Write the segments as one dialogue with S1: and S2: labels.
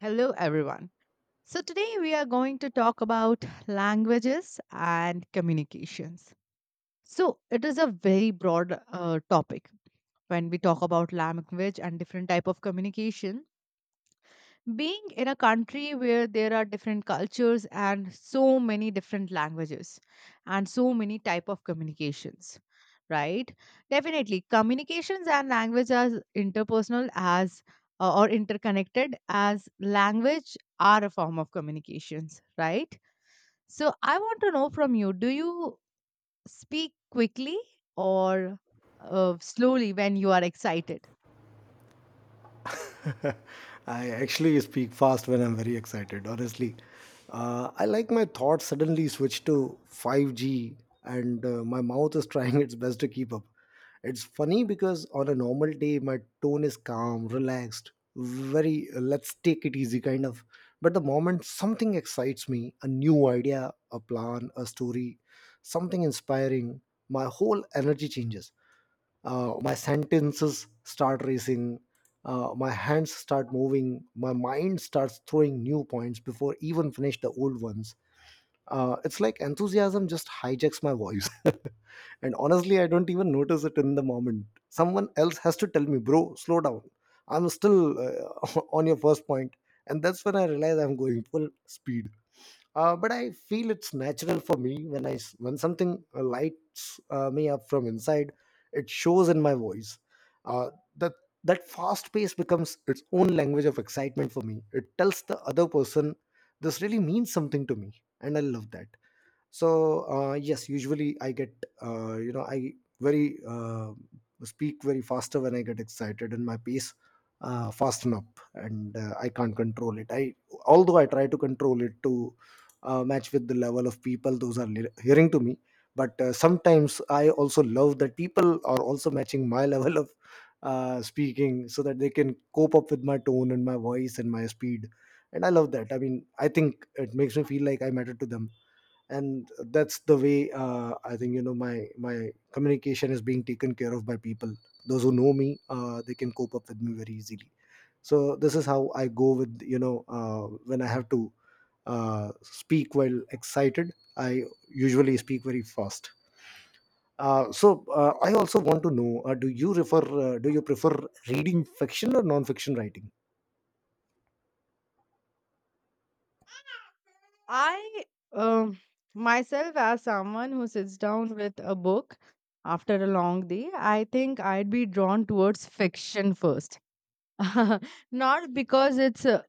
S1: Hello, everyone. So, today we are going to talk about languages and communications. So, it is a very broad topic when we talk about language and different type of communication, being in a country where there are different cultures and so many different languages and so many type of communications, right? Definitely, communications and language are interpersonal as or interconnected, as language are a form of communications, right? So I want to know from you: do you speak quickly or slowly when you are excited?
S2: I actually speak fast when I'm very excited, honestly. I like my thoughts suddenly switch to 5G, and my mouth is trying its best to keep up. It's funny because on a normal day, my tone is calm, relaxed, very let's take it easy kind of. But the moment something excites me, a new idea, a plan, a story, something inspiring, my whole energy changes, my sentences start racing, my hands start moving, my mind starts throwing new points before even finish the old ones. It's like enthusiasm just hijacks my voice. And honestly, I don't even notice it in the moment. Someone else has to tell me, bro, slow down, I'm still on your first point, and that's when I realize I'm going full speed. But I feel it's natural for me when when something lights me up from inside. It shows in my voice. Uh, that that fast pace becomes its own language of excitement for me. It tells the other person this really means something to me, and I love that. So yes, usually I get, you know I very speak very faster when I get excited, and my pace fasten up, and I can't control it. I although I try to control it to match with the level of people those are hearing to me. But sometimes I also love that people are also matching my level of speaking, so that they can cope up with my tone and my voice and my speed, and I love that. I mean, I think it makes me feel like I matter to them, and that's the way I think, you know, my communication is being taken care of by people those who know me. They can cope up with me very easily. So this is how I go with, you know, when I have to speak while excited, I usually speak very fast. So I also want to know, do you prefer reading fiction or non-fiction writing?
S1: I um myself, as someone who sits down with a book after a long day, I think I'd be drawn towards fiction first. Not because it's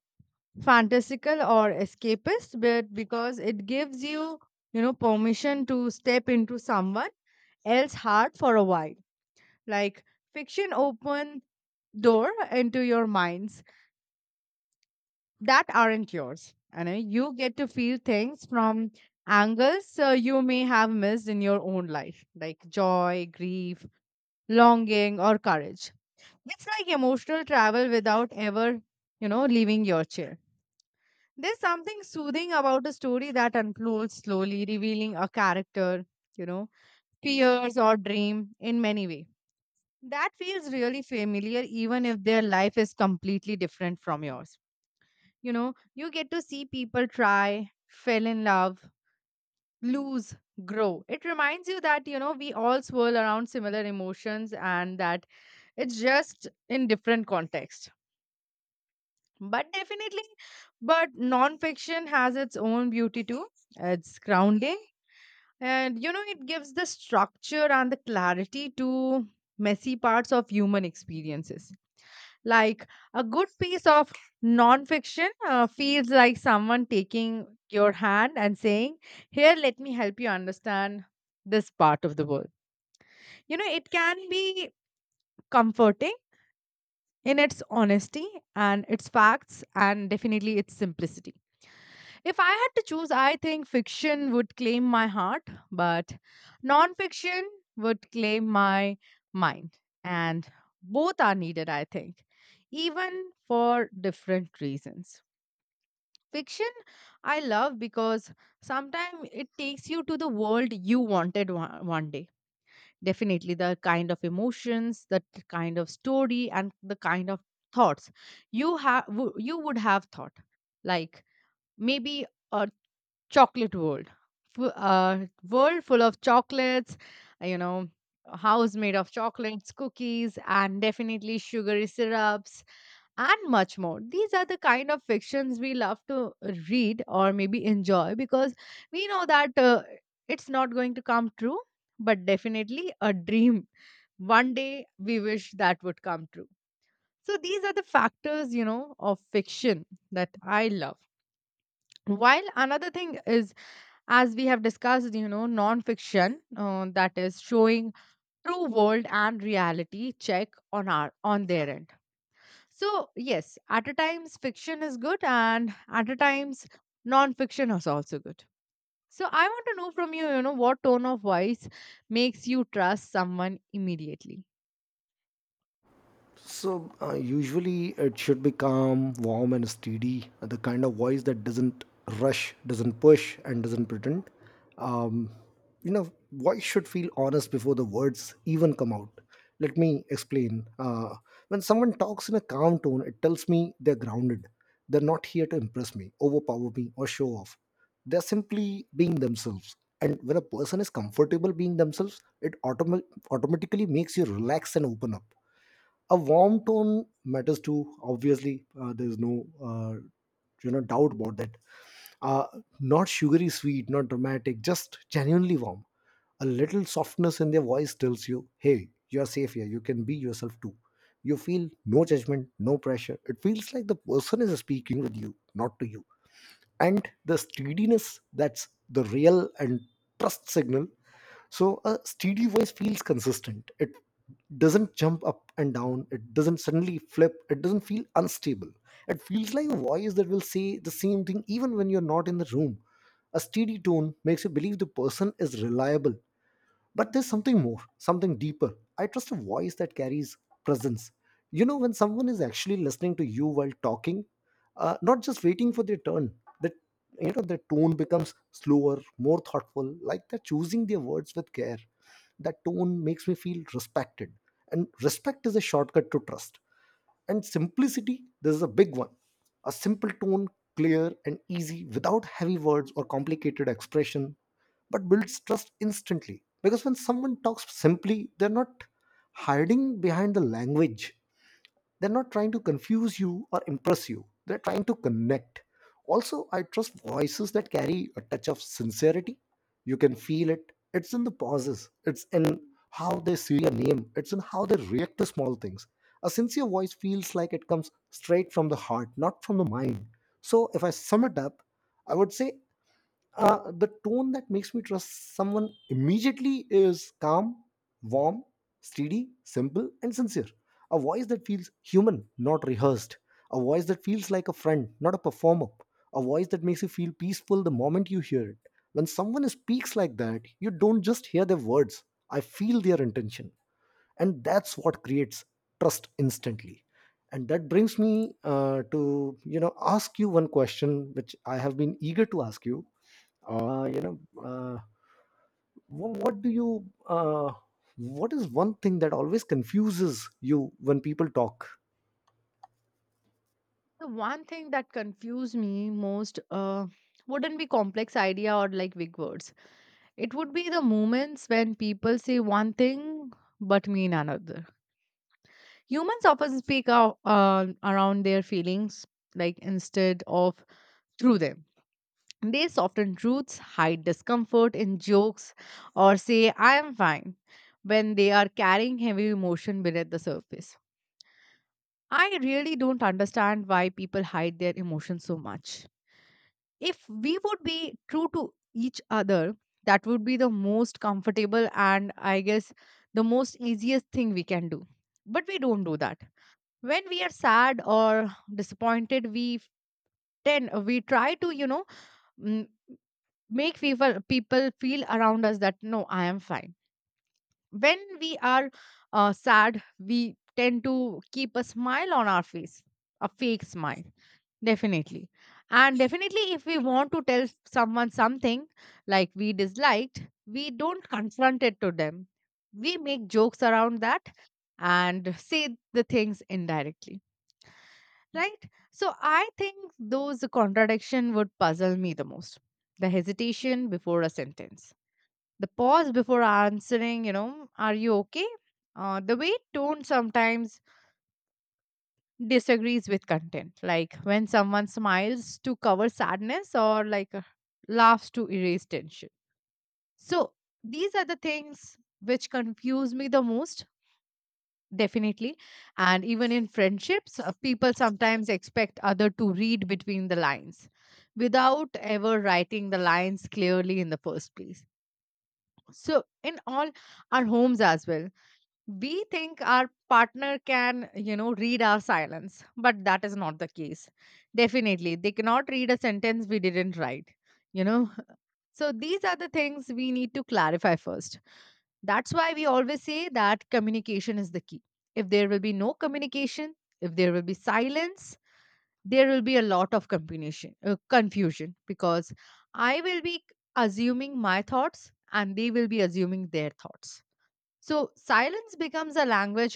S1: fantastical or escapist, but because it gives you, you know, permission to step into someone else's heart for a while. Like, fiction open door into your mind that aren't yours. You know, you get to feel things from angles you may have missed in your own life, like joy, grief, longing, or courage. It's like emotional travel without ever, you know, leaving your chair. There's something soothing about a story that unfolds slowly, revealing a character, you know, fears or dream in many ways. That feels really familiar, even if their life is completely different from yours. You know, you get to see people try, fell in love, lose, grow. It reminds you that, you know, we all swirl around similar emotions, and that it's just in different context. But definitely, but nonfiction has its own beauty too. It's grounding, and, you know, it gives the structure and the clarity to messy parts of human experiences. Like, a good piece of nonfiction feels like someone taking your hand and saying, "Here, let me help you understand this part of the world." You know, it can be comforting in its honesty and its facts, and definitely its simplicity. If I had to choose, I think fiction would claim my heart, but nonfiction would claim my mind. And both are needed, I think, even for different reasons. Fiction, I love because sometimes it takes you to the world you wanted one day. Definitely the kind of emotions, the kind of story, and the kind of thoughts you have, you would have thought, like, maybe a chocolate world. A world full of chocolates, you know, a house made of chocolates, cookies, and definitely sugary syrups, and much more. These are the kind of fictions we love to read or maybe enjoy because we know that it's not going to come true, but definitely a dream one day we wish that would come true. So these are the factors, you know, of fiction that I love. While another thing is, as we have discussed, you know, non-fiction that is showing true world and reality check on our, on their end. So yes, at a times fiction is good, and at a times non-fiction is also good. So I want to know from you, you know, what tone of voice makes you trust someone immediately?
S2: So usually it should be calm, warm, and steady. The kind of voice that doesn't rush, doesn't push, and doesn't pretend. Um, you know, voice should feel honest before the words even come out. Let me explain. When someone talks in a calm tone, it tells me they're grounded. They're not here to impress me, overpower me, or show off. They're simply being themselves. And when a person is comfortable being themselves, it automatically makes you relax and open up. A warm tone matters too, obviously. There's no you know, doubt about that. uh, Not sugary sweet, not dramatic, just genuinely warm. A little softness in their voice tells you, hey, you are safe here, you can be yourself too. You feel no judgment, no pressure. It feels like the person is speaking with you, not to you. And the steadiness, that's the real and trust signal. So a steady voice feels consistent. It doesn't jump up and down, it doesn't suddenly flip, it doesn't feel unstable. It feels like a voice that will say the same thing even when you're not in the room. A steady tone makes you believe the person is reliable. But there's something more, something deeper. I trust a voice that carries presence. You know, when someone is actually listening to you while talking, not just waiting for their turn, that, you know, their tone becomes slower, more thoughtful, like they're choosing their words with care. That tone makes me feel respected. And respect is a shortcut to trust. And simplicity, this is a big one. A simple tone, clear and easy, without heavy words or complicated expression, but builds trust instantly. Because when someone talks simply, they're not hiding behind the language. They're not trying to confuse you or impress you, they're trying to connect. Also, I trust voices that carry a touch of sincerity. You can feel it. It's in the pauses, it's in how they see a name, it's in how they react to small things. A sincere voice feels like it comes straight from the heart, not from the mind. So if I sum it up, I would say the tone that makes me trust someone immediately is calm, warm, steady, simple, and sincere. A voice that feels human, not rehearsed. A voice that feels like a friend, not a performer. A voice that makes you feel peaceful the moment you hear it. When someone speaks like that, you don't just hear their words, I feel their intention. And that's what creates trust instantly. And that brings me to, you know, ask you one question, which I have been eager to ask you. uh, you know, uh, what do you? What is one thing that always confuses you when people talk?
S1: The one thing that confused me most wouldn't be complex idea or like big words. It would be the moments when people say one thing but mean another. Humans often speak out around their feelings, like, instead of through them. They soften truths, hide discomfort in jokes, or say, "I am fine," when they are carrying heavy emotion beneath the surface. I really don't understand why people hide their emotions so much. If we would be true to each other, that would be the most comfortable, and I guess the most easiest thing we can do. But we don't do that. When we are sad or disappointed, we tend we try to, you know, mm, make people feel around us that, no, I am fine. When we are sad, we tend to keep a smile on our face, a fake smile. Definitely. And definitely, if we want to tell someone something like we disliked, we don't confront it to them. We make jokes around that and say the things indirectly, right? So I think those contradiction would puzzle me the most. The hesitation before a sentence, the pause before answering, you know, are you okay? The way tone sometimes disagrees with content, like when someone smiles to cover sadness, or like laughs to erase tension. So these are the things which confuse me the most, definitely. And even in friendships, people sometimes expect other to read between the lines without ever writing the lines clearly in the first place. So in all our homes as well, we think our partner can, you know, read our silence, but that is not the case. Definitely, they cannot read a sentence we didn't write, you know. So these are the things we need to clarify first. That's why we always say that communication is the key. If there will be no communication, if there will be silence, there will be a lot of combination confusion, because I will be assuming my thoughts, and they will be assuming their thoughts. So silence becomes a language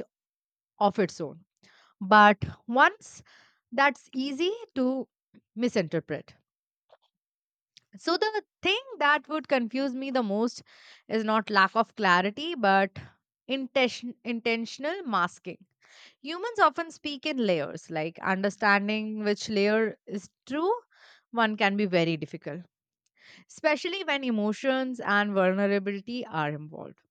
S1: of its own. But once, that's easy to misinterpret. So the thing that would confuse me the most is not lack of clarity, but intentional masking. Humans often speak in layers, like, understanding which layer is true one can be very difficult, especially when emotions and vulnerability are involved.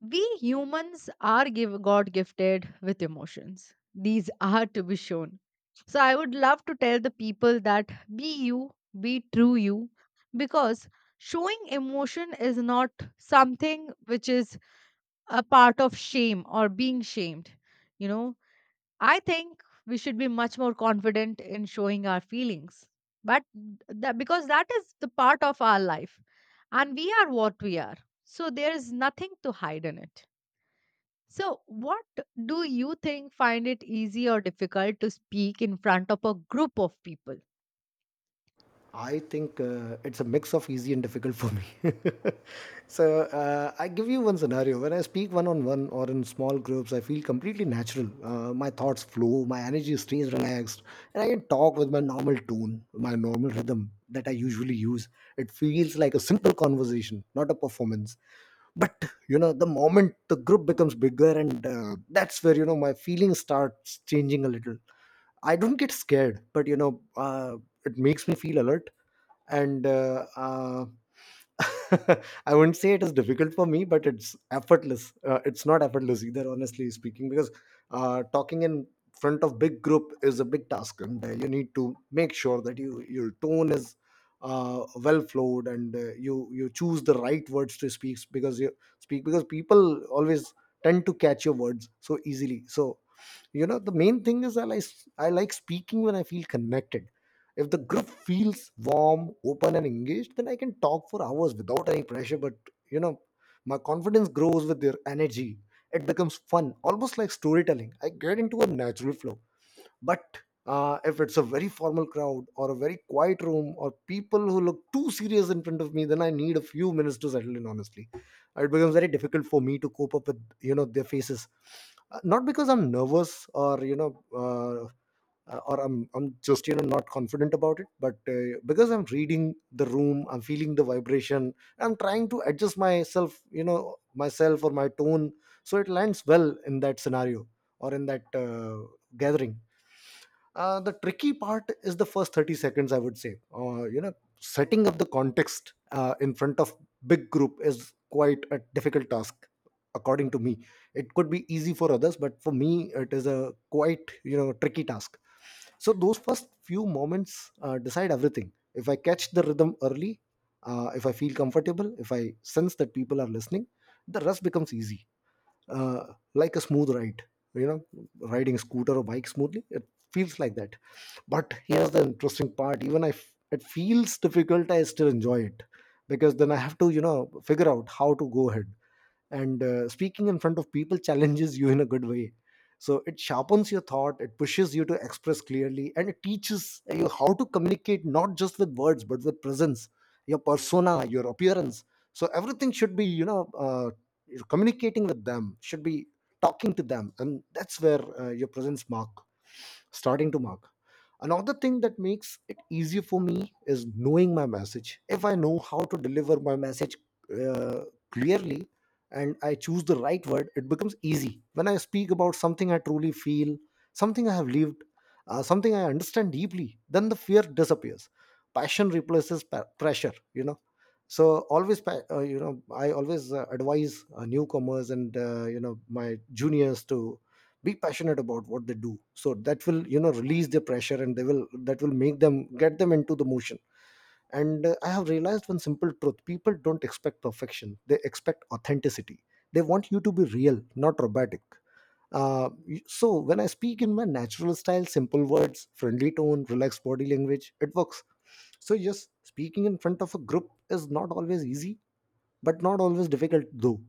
S1: We humans are God gifted with emotions. These are to be shown. So I would love to tell the people that be you, be true you, because showing emotion is not something which is a part of shame or being shamed. You know, I think we should be much more confident in showing our feelings. But that, because that is the part of our life, and we are what we are. So there is nothing to hide in it. So, what do you think, find it easy or difficult to speak in front of a group of people?
S2: I think it's a mix of easy and difficult for me. So I give you one scenario. When I speak one on one or in small groups, I feel completely natural. My thoughts flow, my energy stays relaxed, and I can talk with my normal tone, my normal rhythm that I usually use. It feels like a simple conversation, not a performance. But you know, the moment the group becomes bigger, and that's where, you know, my feelings starts changing a little. I don't get scared, but you know, it makes me feel alert. And I wouldn't say it is difficult for me, but it's effortless. It's not effortless either, honestly speaking, because talking in front of big group is a big task, and you need to make sure that your tone is well flowed, and you choose the right words to speak, because people always tend to catch your words so easily. So you know, the main thing is, I like speaking when I feel connected. If the group feels warm, open, and engaged, then I can talk for hours without any pressure. But you know, my confidence grows with their energy. It becomes fun, almost like storytelling. I get into a natural flow. But if it's a very formal crowd or a very quiet room or people who look too serious in front of me, then I need a few minutes to settle in. Honestly, it becomes very difficult for me to cope up with, you know, their faces. Not because I'm nervous or you know, or I'm just, you know, not confident about it, but because I'm reading the room, I'm feeling the vibration. I'm trying to adjust myself, you know, myself or my tone so it lands well in that scenario or in that gathering. The tricky part is the first 30 seconds, I would say. You know, setting up the context in front of big group is quite a difficult task, according to me. It could be easy for others, but for me it is a quite, you know, tricky task. So those first few moments decide everything. If I catch the rhythm early, if I feel comfortable, if I sense that people are listening, the rest becomes easy. uh, like a smooth ride, you know, riding scooter or bike smoothly, it feels like that. But here's the interesting part, even if it feels difficult, I still enjoy it, because then I have to, you know, figure out how to go ahead. And speaking in front of people challenges you in a good way. So it sharpens your thought, it pushes you to express clearly, and it teaches you how to communicate, not just with words, but with presence, your persona, your appearance. So everything should be, you know, you're communicating with them, should be talking to them, and that's where your presence mark starting to mark. Another thing that makes it easier for me is knowing my message. If I know how to deliver my message uh, clearly and I choose the right word, it becomes easy. When I speak about something I truly feel, something I have lived, something I understand deeply, then the fear disappears. Passion replaces pressure, you know. So always, I always advise newcomers and you know my juniors to be passionate about what they do, so that will, you know, release their pressure and they will that will make them get them into the motion. And I have realized one simple truth. People don't expect perfection, they expect authenticity. They want you to be real, not robotic. uh, so when I speak in my natural style, simple words, friendly tone, relaxed body language, it works. So just speaking in front of a group is not always easy, but not always difficult though.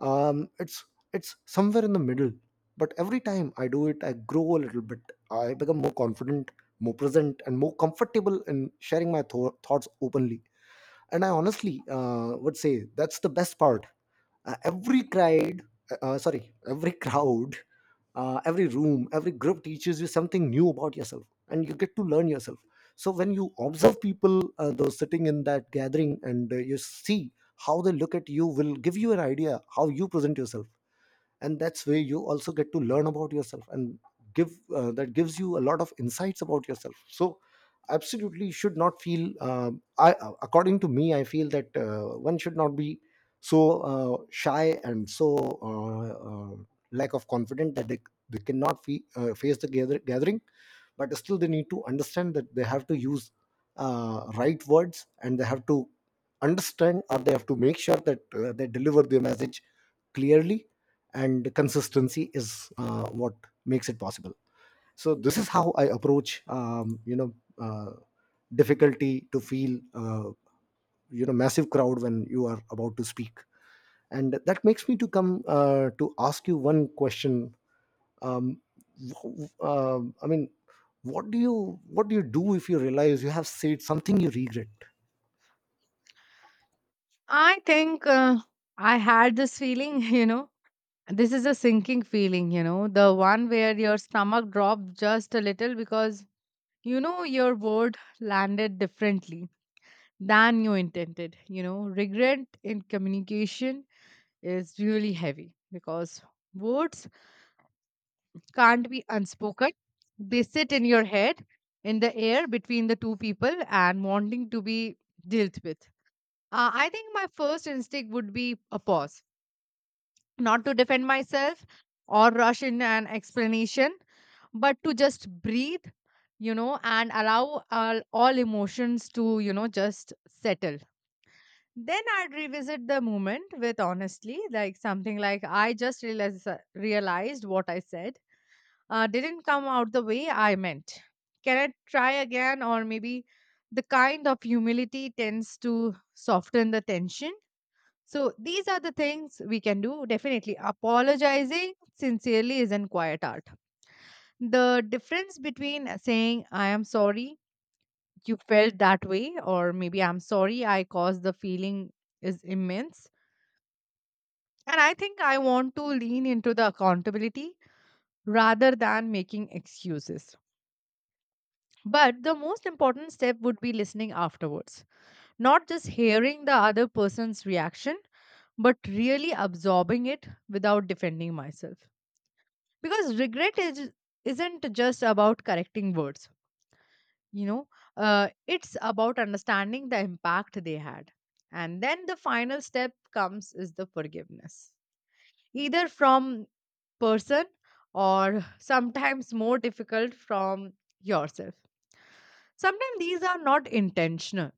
S2: um, it's it's somewhere in the middle. But every time I do it, I grow a little bit. I become more confident, more present, and more comfortable in sharing my thoughts openly. And I honestly would say that's the best part. uh, every cried, every crowd, every room, every group teaches you something new about yourself, and you get to learn yourself. So when you observe people, those sitting in that gathering, and you see how they look at you, will give you an idea how you present yourself. And that's where you also get to learn about yourself, and give that gives you a lot of insights about yourself. So absolutely, you should not feel I according to me, I feel that one should not be so shy and so uh, uh, lack of confidence that they cannot face the gathering. But still, they need to understand that they have to use right words, and they have to understand, or they have to make sure that they deliver their message clearly. And consistency is what makes it possible. So this is how I approach uh, difficulty to feel massive crowd when you are about to speak. And that makes me to come to ask you one question. um, w- um, i mean what do you, what do you do if you realize you have said something you regret?
S1: I think I had this feeling, you know, this is a sinking feeling, you know, the one where your stomach drops just a little because you know your word landed differently than you intended. You know, regret in communication is really heavy because words can't be unspoken. They sit in your head, in the air between the two people, and wanting to be dealt with. I think my first instinct would be a pause, not to defend myself or rush in an explanation, but to just breathe, you know, and allow all emotions to, you know, just settle. Then I'd revisit the moment with honestly, like something like, "I just realized what I said didn't come out the way I meant. Can I try again?" Or maybe the kind of humility tends to soften the tension. So these are the things we can do. Definitely, apologizing sincerely isn't quiet art. The difference between saying, "I am sorry you felt that way," or maybe, "I'm sorry I caused the feeling," is immense. And I think I want to lean into the accountability rather than making excuses. But the most important step would be listening afterwards, not just hearing the other person's reaction, but really absorbing it without defending myself. Because regret isn't just about correcting words, you know, it's about understanding the impact they had. And then the final step comes is the forgiveness, either from person, or sometimes more difficult, from yourself. Sometimes these are not intentional,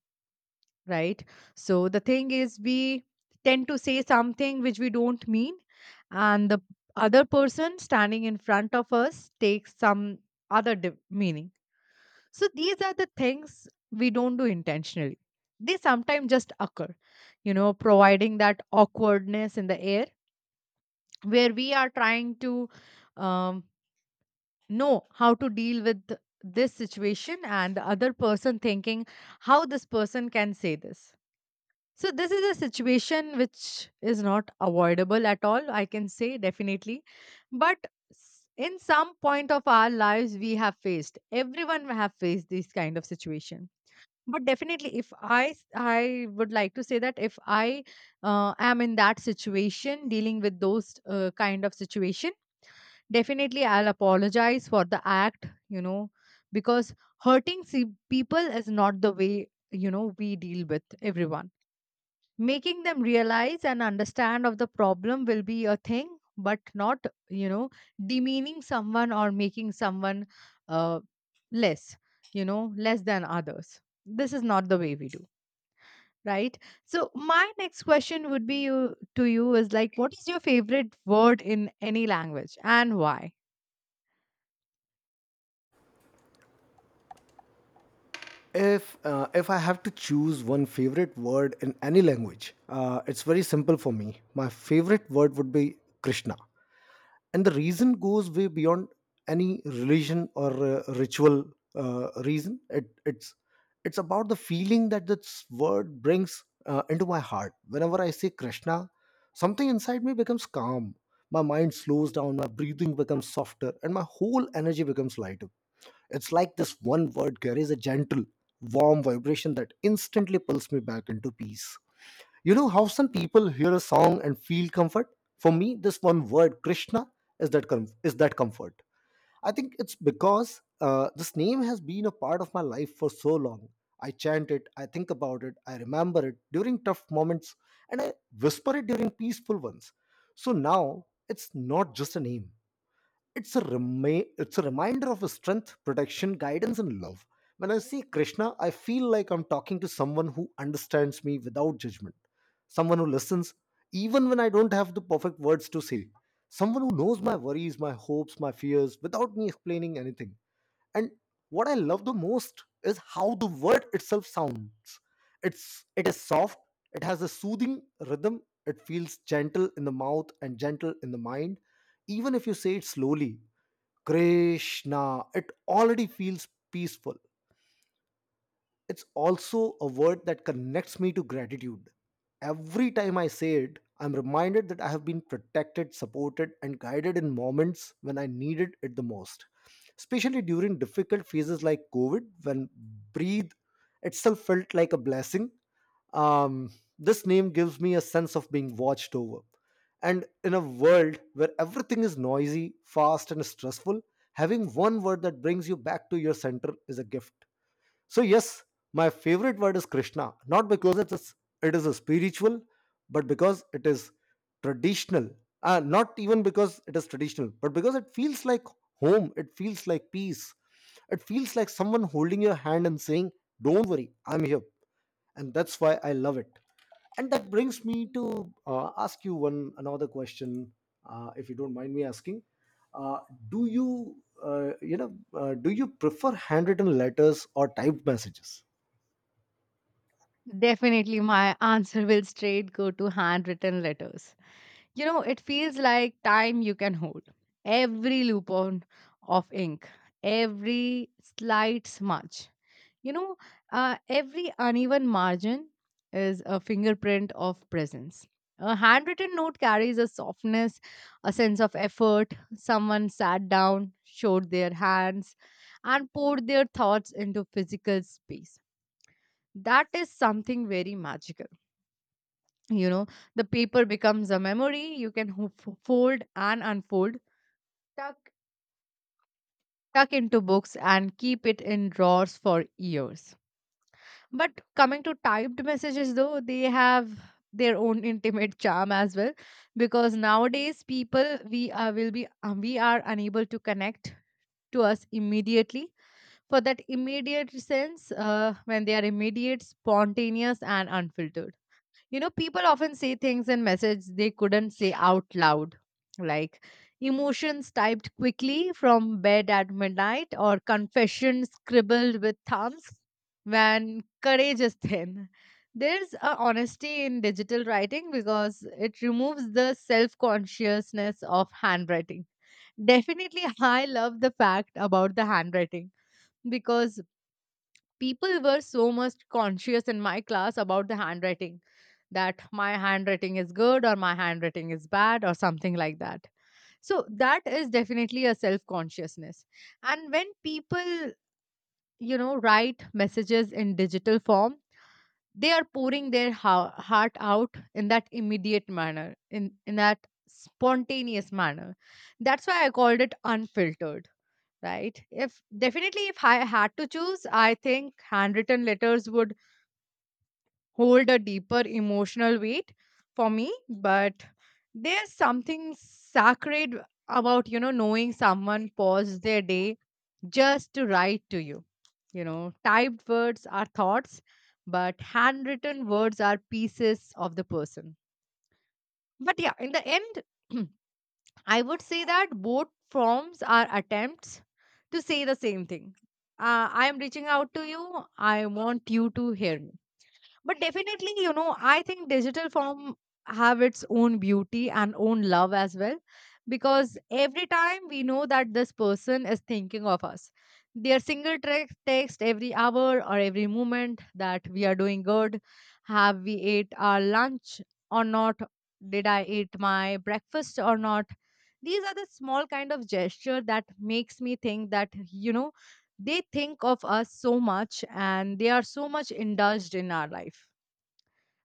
S1: right? So the thing is, we tend to say something which we don't mean, and the other person standing in front of us takes some other meaning. So these are the things we don't do intentionally. They sometimes just occur, you know, providing that awkwardness in the air where we are trying to um, know how to deal with this situation, and the other person thinking how this person can say this. So this is a situation which is not avoidable at all, I can say, definitely. But in some point of our lives we have faced, everyone have faced this kind of situation. But definitely, if I would like to say that if I am in that situation dealing with those kind of situation, definitely, I'll apologize for the act, you know, because hurting people is not the way, you know, we deal with everyone. Making them realize and understand of the problem will be a thing, but not, you know, demeaning someone or making someone uh, less, you know, less than others. This is not the way we do, right? So, my next question would be you, to you is like, what is your favorite word in any language and why?
S2: If I have to choose one favorite word in any language, it's very simple for me. My favorite word would be Krishna. And the reason goes way beyond any religion or ritual reason. It's about the feeling that this word brings into my heart. Whenever I say Krishna, something inside me becomes calm. My mind slows down, my breathing becomes softer, and my whole energy becomes lighter. It's like this one word carries a gentle, warm vibration that instantly pulls me back into peace. You know how some people hear a song and feel comfort? For me, this one word, Krishna, is that, is that comfort. I think it's because this name has been a part of my life for so long. I chant it, I think about it, I remember it during tough moments, and I whisper it during peaceful ones. So now it's not just a name, it's a it's a reminder of his strength, protection, guidance, and love. When I see Krishna, I feel like I'm talking to someone who understands me without judgment, someone who listens even when I don't have the perfect words to say, someone who knows my worries, my hopes, my fears, without me explaining anything. And what I love the most is how the word itself sounds. It is soft, it has a soothing rhythm. It feels gentle in the mouth and gentle in the mind. Even if you say it slowly, Krishna. It already feels peaceful. It's also a word that connects me to gratitude. Every time I say it, I'm reminded that I have been protected, supported, and guided in moments when I needed it the most, especially during difficult phases like COVID, when breathe itself felt like a blessing. um, this name gives me a sense of being watched over. And in a world where everything is noisy, fast, and stressful, having one word that brings you back to your center is a gift. So yes, my favorite word is Krishna. Not because it is a spiritual, but because it is traditional. Not even because it is traditional, but because it feels like home. It feels like peace. It feels like someone holding your hand and saying, don't worry, I'm here. And that's why I love it. And that brings me to ask you one another question. If you don't mind me asking, uh, do you, you know do you prefer handwritten letters or typed messages?
S1: Definitely, my answer will straight go to handwritten letters. You know, it feels like time you can hold. Every loophole of ink, every slight smudge, you know, every uneven margin is a fingerprint of presence. A handwritten note carries a softness, a sense of effort. Someone sat down, showed their hands, and poured their thoughts into physical space. That is something very magical. You know, the paper becomes a memory you can fold and unfold, tuck tuck into books and keep it in drawers for years. But coming to typed messages, though they have their own intimate charm as well, because nowadays people, we are unable to connect to us immediately, for that immediate sense, when they are immediate, spontaneous and unfiltered. You know, people often say things in message they couldn't say out loud, like emotions typed quickly from bed at midnight or confession scribbled with thumbs when courage is thin. There's a honesty in digital writing because it removes the self consciousness of handwriting. Definitely, I love the fact about the handwriting, because people were so much conscious in my class about the handwriting, that my handwriting is good or my handwriting is bad or something like that. So that is definitely a self consciousness. And when people, you know, write messages in digital form, they are pouring their heart out in that immediate manner, in that spontaneous manner. That's why I called it unfiltered, right? If, definitely, if I had to choose, I think handwritten letters would hold a deeper emotional weight for me. But there's something sacred about, you know, knowing someone paused their day just to write to you. You know, typed words are thoughts, but handwritten words are pieces of the person. But yeah, in the end, I would say that both forms are attempts to say the same thing. I am reaching out to you, I want you to hear me. But definitely, you know, I think digital form have its own beauty and own love as well, because every time we know that this person is thinking of us. Their single text every hour or every moment, that we are doing good, have we ate our lunch or not, did I eat my breakfast or not. These are the small kind of gesture that makes me think that, you know, they think of us so much and they are so much indulged in our life,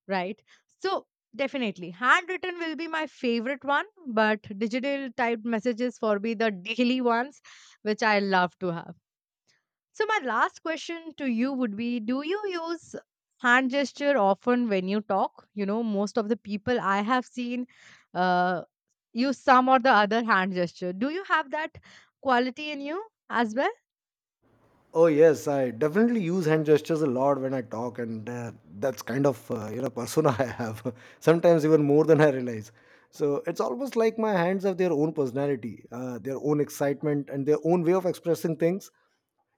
S1: right? So definitely, handwritten will be my favorite one, but digital typed messages for me the daily ones, which I love to have. So my last question to you would be: Do you use hand gesture often when you talk? You know, most of the people I have seen uh, use some or the other hand gesture. Do you have that quality in you as well?
S2: Oh yes, I definitely use hand gestures a lot when I talk. And that's kind of persona I have. Sometimes even more than I realize. So it's almost like my hands have their own personality, their own excitement, and their own way of expressing things.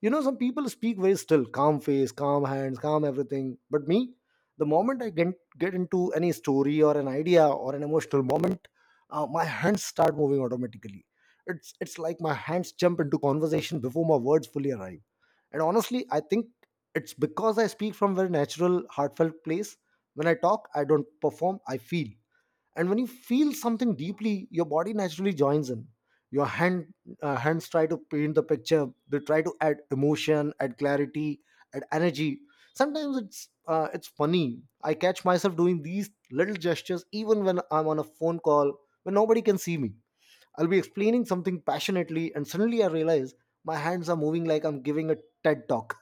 S2: You know, some people speak very still, calm face, calm hands, calm everything. But me, the moment I get into any story or an idea or an emotional moment, my hands start moving automatically. It's like my hands jump into conversation before my words fully arrive. And honestly, I think it's because I speak from very natural, heartfelt place. When I talk, I don't perform, I feel. And when you feel something deeply, your body naturally joins in. Your hands try to paint the picture. They try to add emotion, add clarity, add energy. Sometimes it's funny, I catch myself doing these little gestures even when I'm on a phone call, when nobody can see me. I'll be explaining something passionately, and suddenly I realize my hands are moving like I'm giving a TED talk.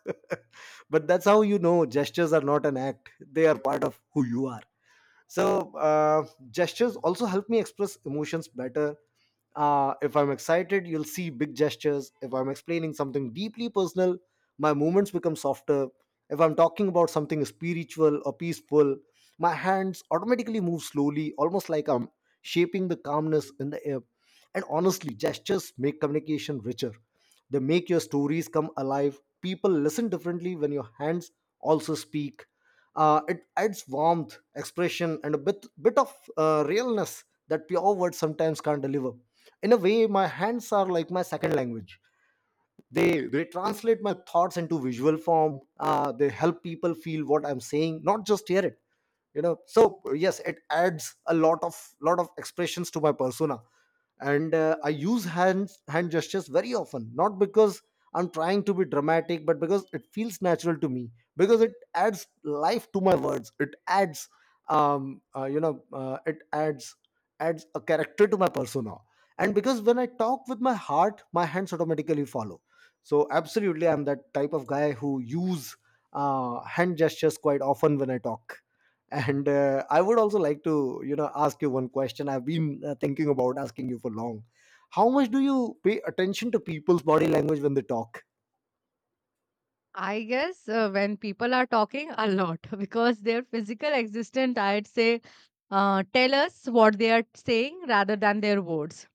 S2: But that's how, you know, gestures are not an act, they are part of who you are. So gestures also help me express emotions better. If I'm excited, you'll see big gestures. If I'm explaining something deeply personal, my movements become softer. If I'm talking about something spiritual or peaceful, my hands automatically move slowly, almost like I'm shaping the calmness in the air. And honestly, gestures make communication richer. They make your stories come alive. People listen differently when your hands also speak. It adds warmth, expression, and a bit of realness that pure words sometimes can't deliver. In a way, my hands are like my second language. They translate my thoughts into visual form. They help people feel what I'm saying, not just hear it. You know, so yes, it adds a lot of expressions to my persona. And I use hands hand gestures very often, not because I'm trying to be dramatic, but because it feels natural to me. Because it adds life to my words. It adds um uh, you know uh, it adds adds a character to my persona. And because when I talk with my heart, my hands automatically follow. So absolutely, I'm that type of guy who use hand gestures quite often when I talk. And I would also like to, you know, ask you one question. I've been thinking about asking you for long. How much do you pay attention to people's body language when they talk?
S1: I guess when people are talking a lot because their physical existence, I'd say, tell us what they are saying rather than their words,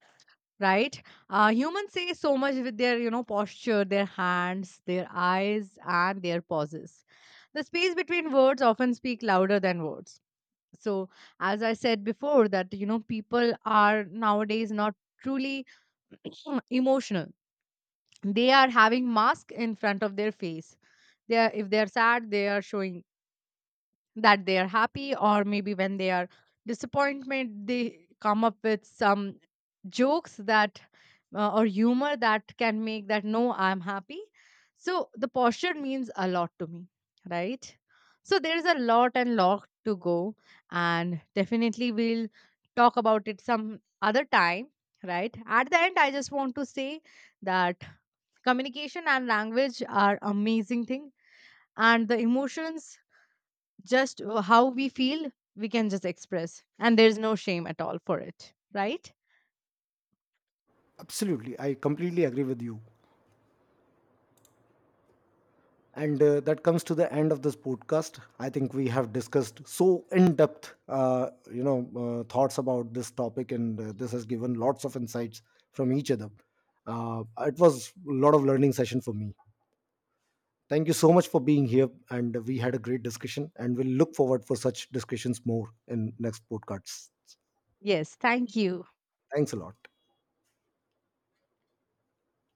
S1: right? Humans say so much with their, you know, posture, their hands, their eyes, and their pauses. The space between words often speak louder than words. So, as I said before, that, you know, people are nowadays not truly emotional. They are having mask in front of their face. They are, if they are sad, they are showing that they are happy, or maybe when they are disappointment, they come up with some jokes that, or humor, that can make that, no, I'm happy. So the posture means a lot to me, right? So there is a lot and lot to go, and definitely we'll talk about it some other time. Right, at the end I just want to say that communication and language are amazing thing, and the emotions, just, how we feel, we can just express, and there's no shame at all for it, right?
S2: Absolutely, I completely agree with you. And that comes to the end of this podcast. I think we have discussed so in depth, thoughts about this topic, and this has given lots of insights from each other. It was a lot of learning session for me. Thank you so much for being here, and we had a great discussion, and we'll look forward for such discussions more in next podcasts.
S1: Yes, thank you.
S2: Thanks a lot.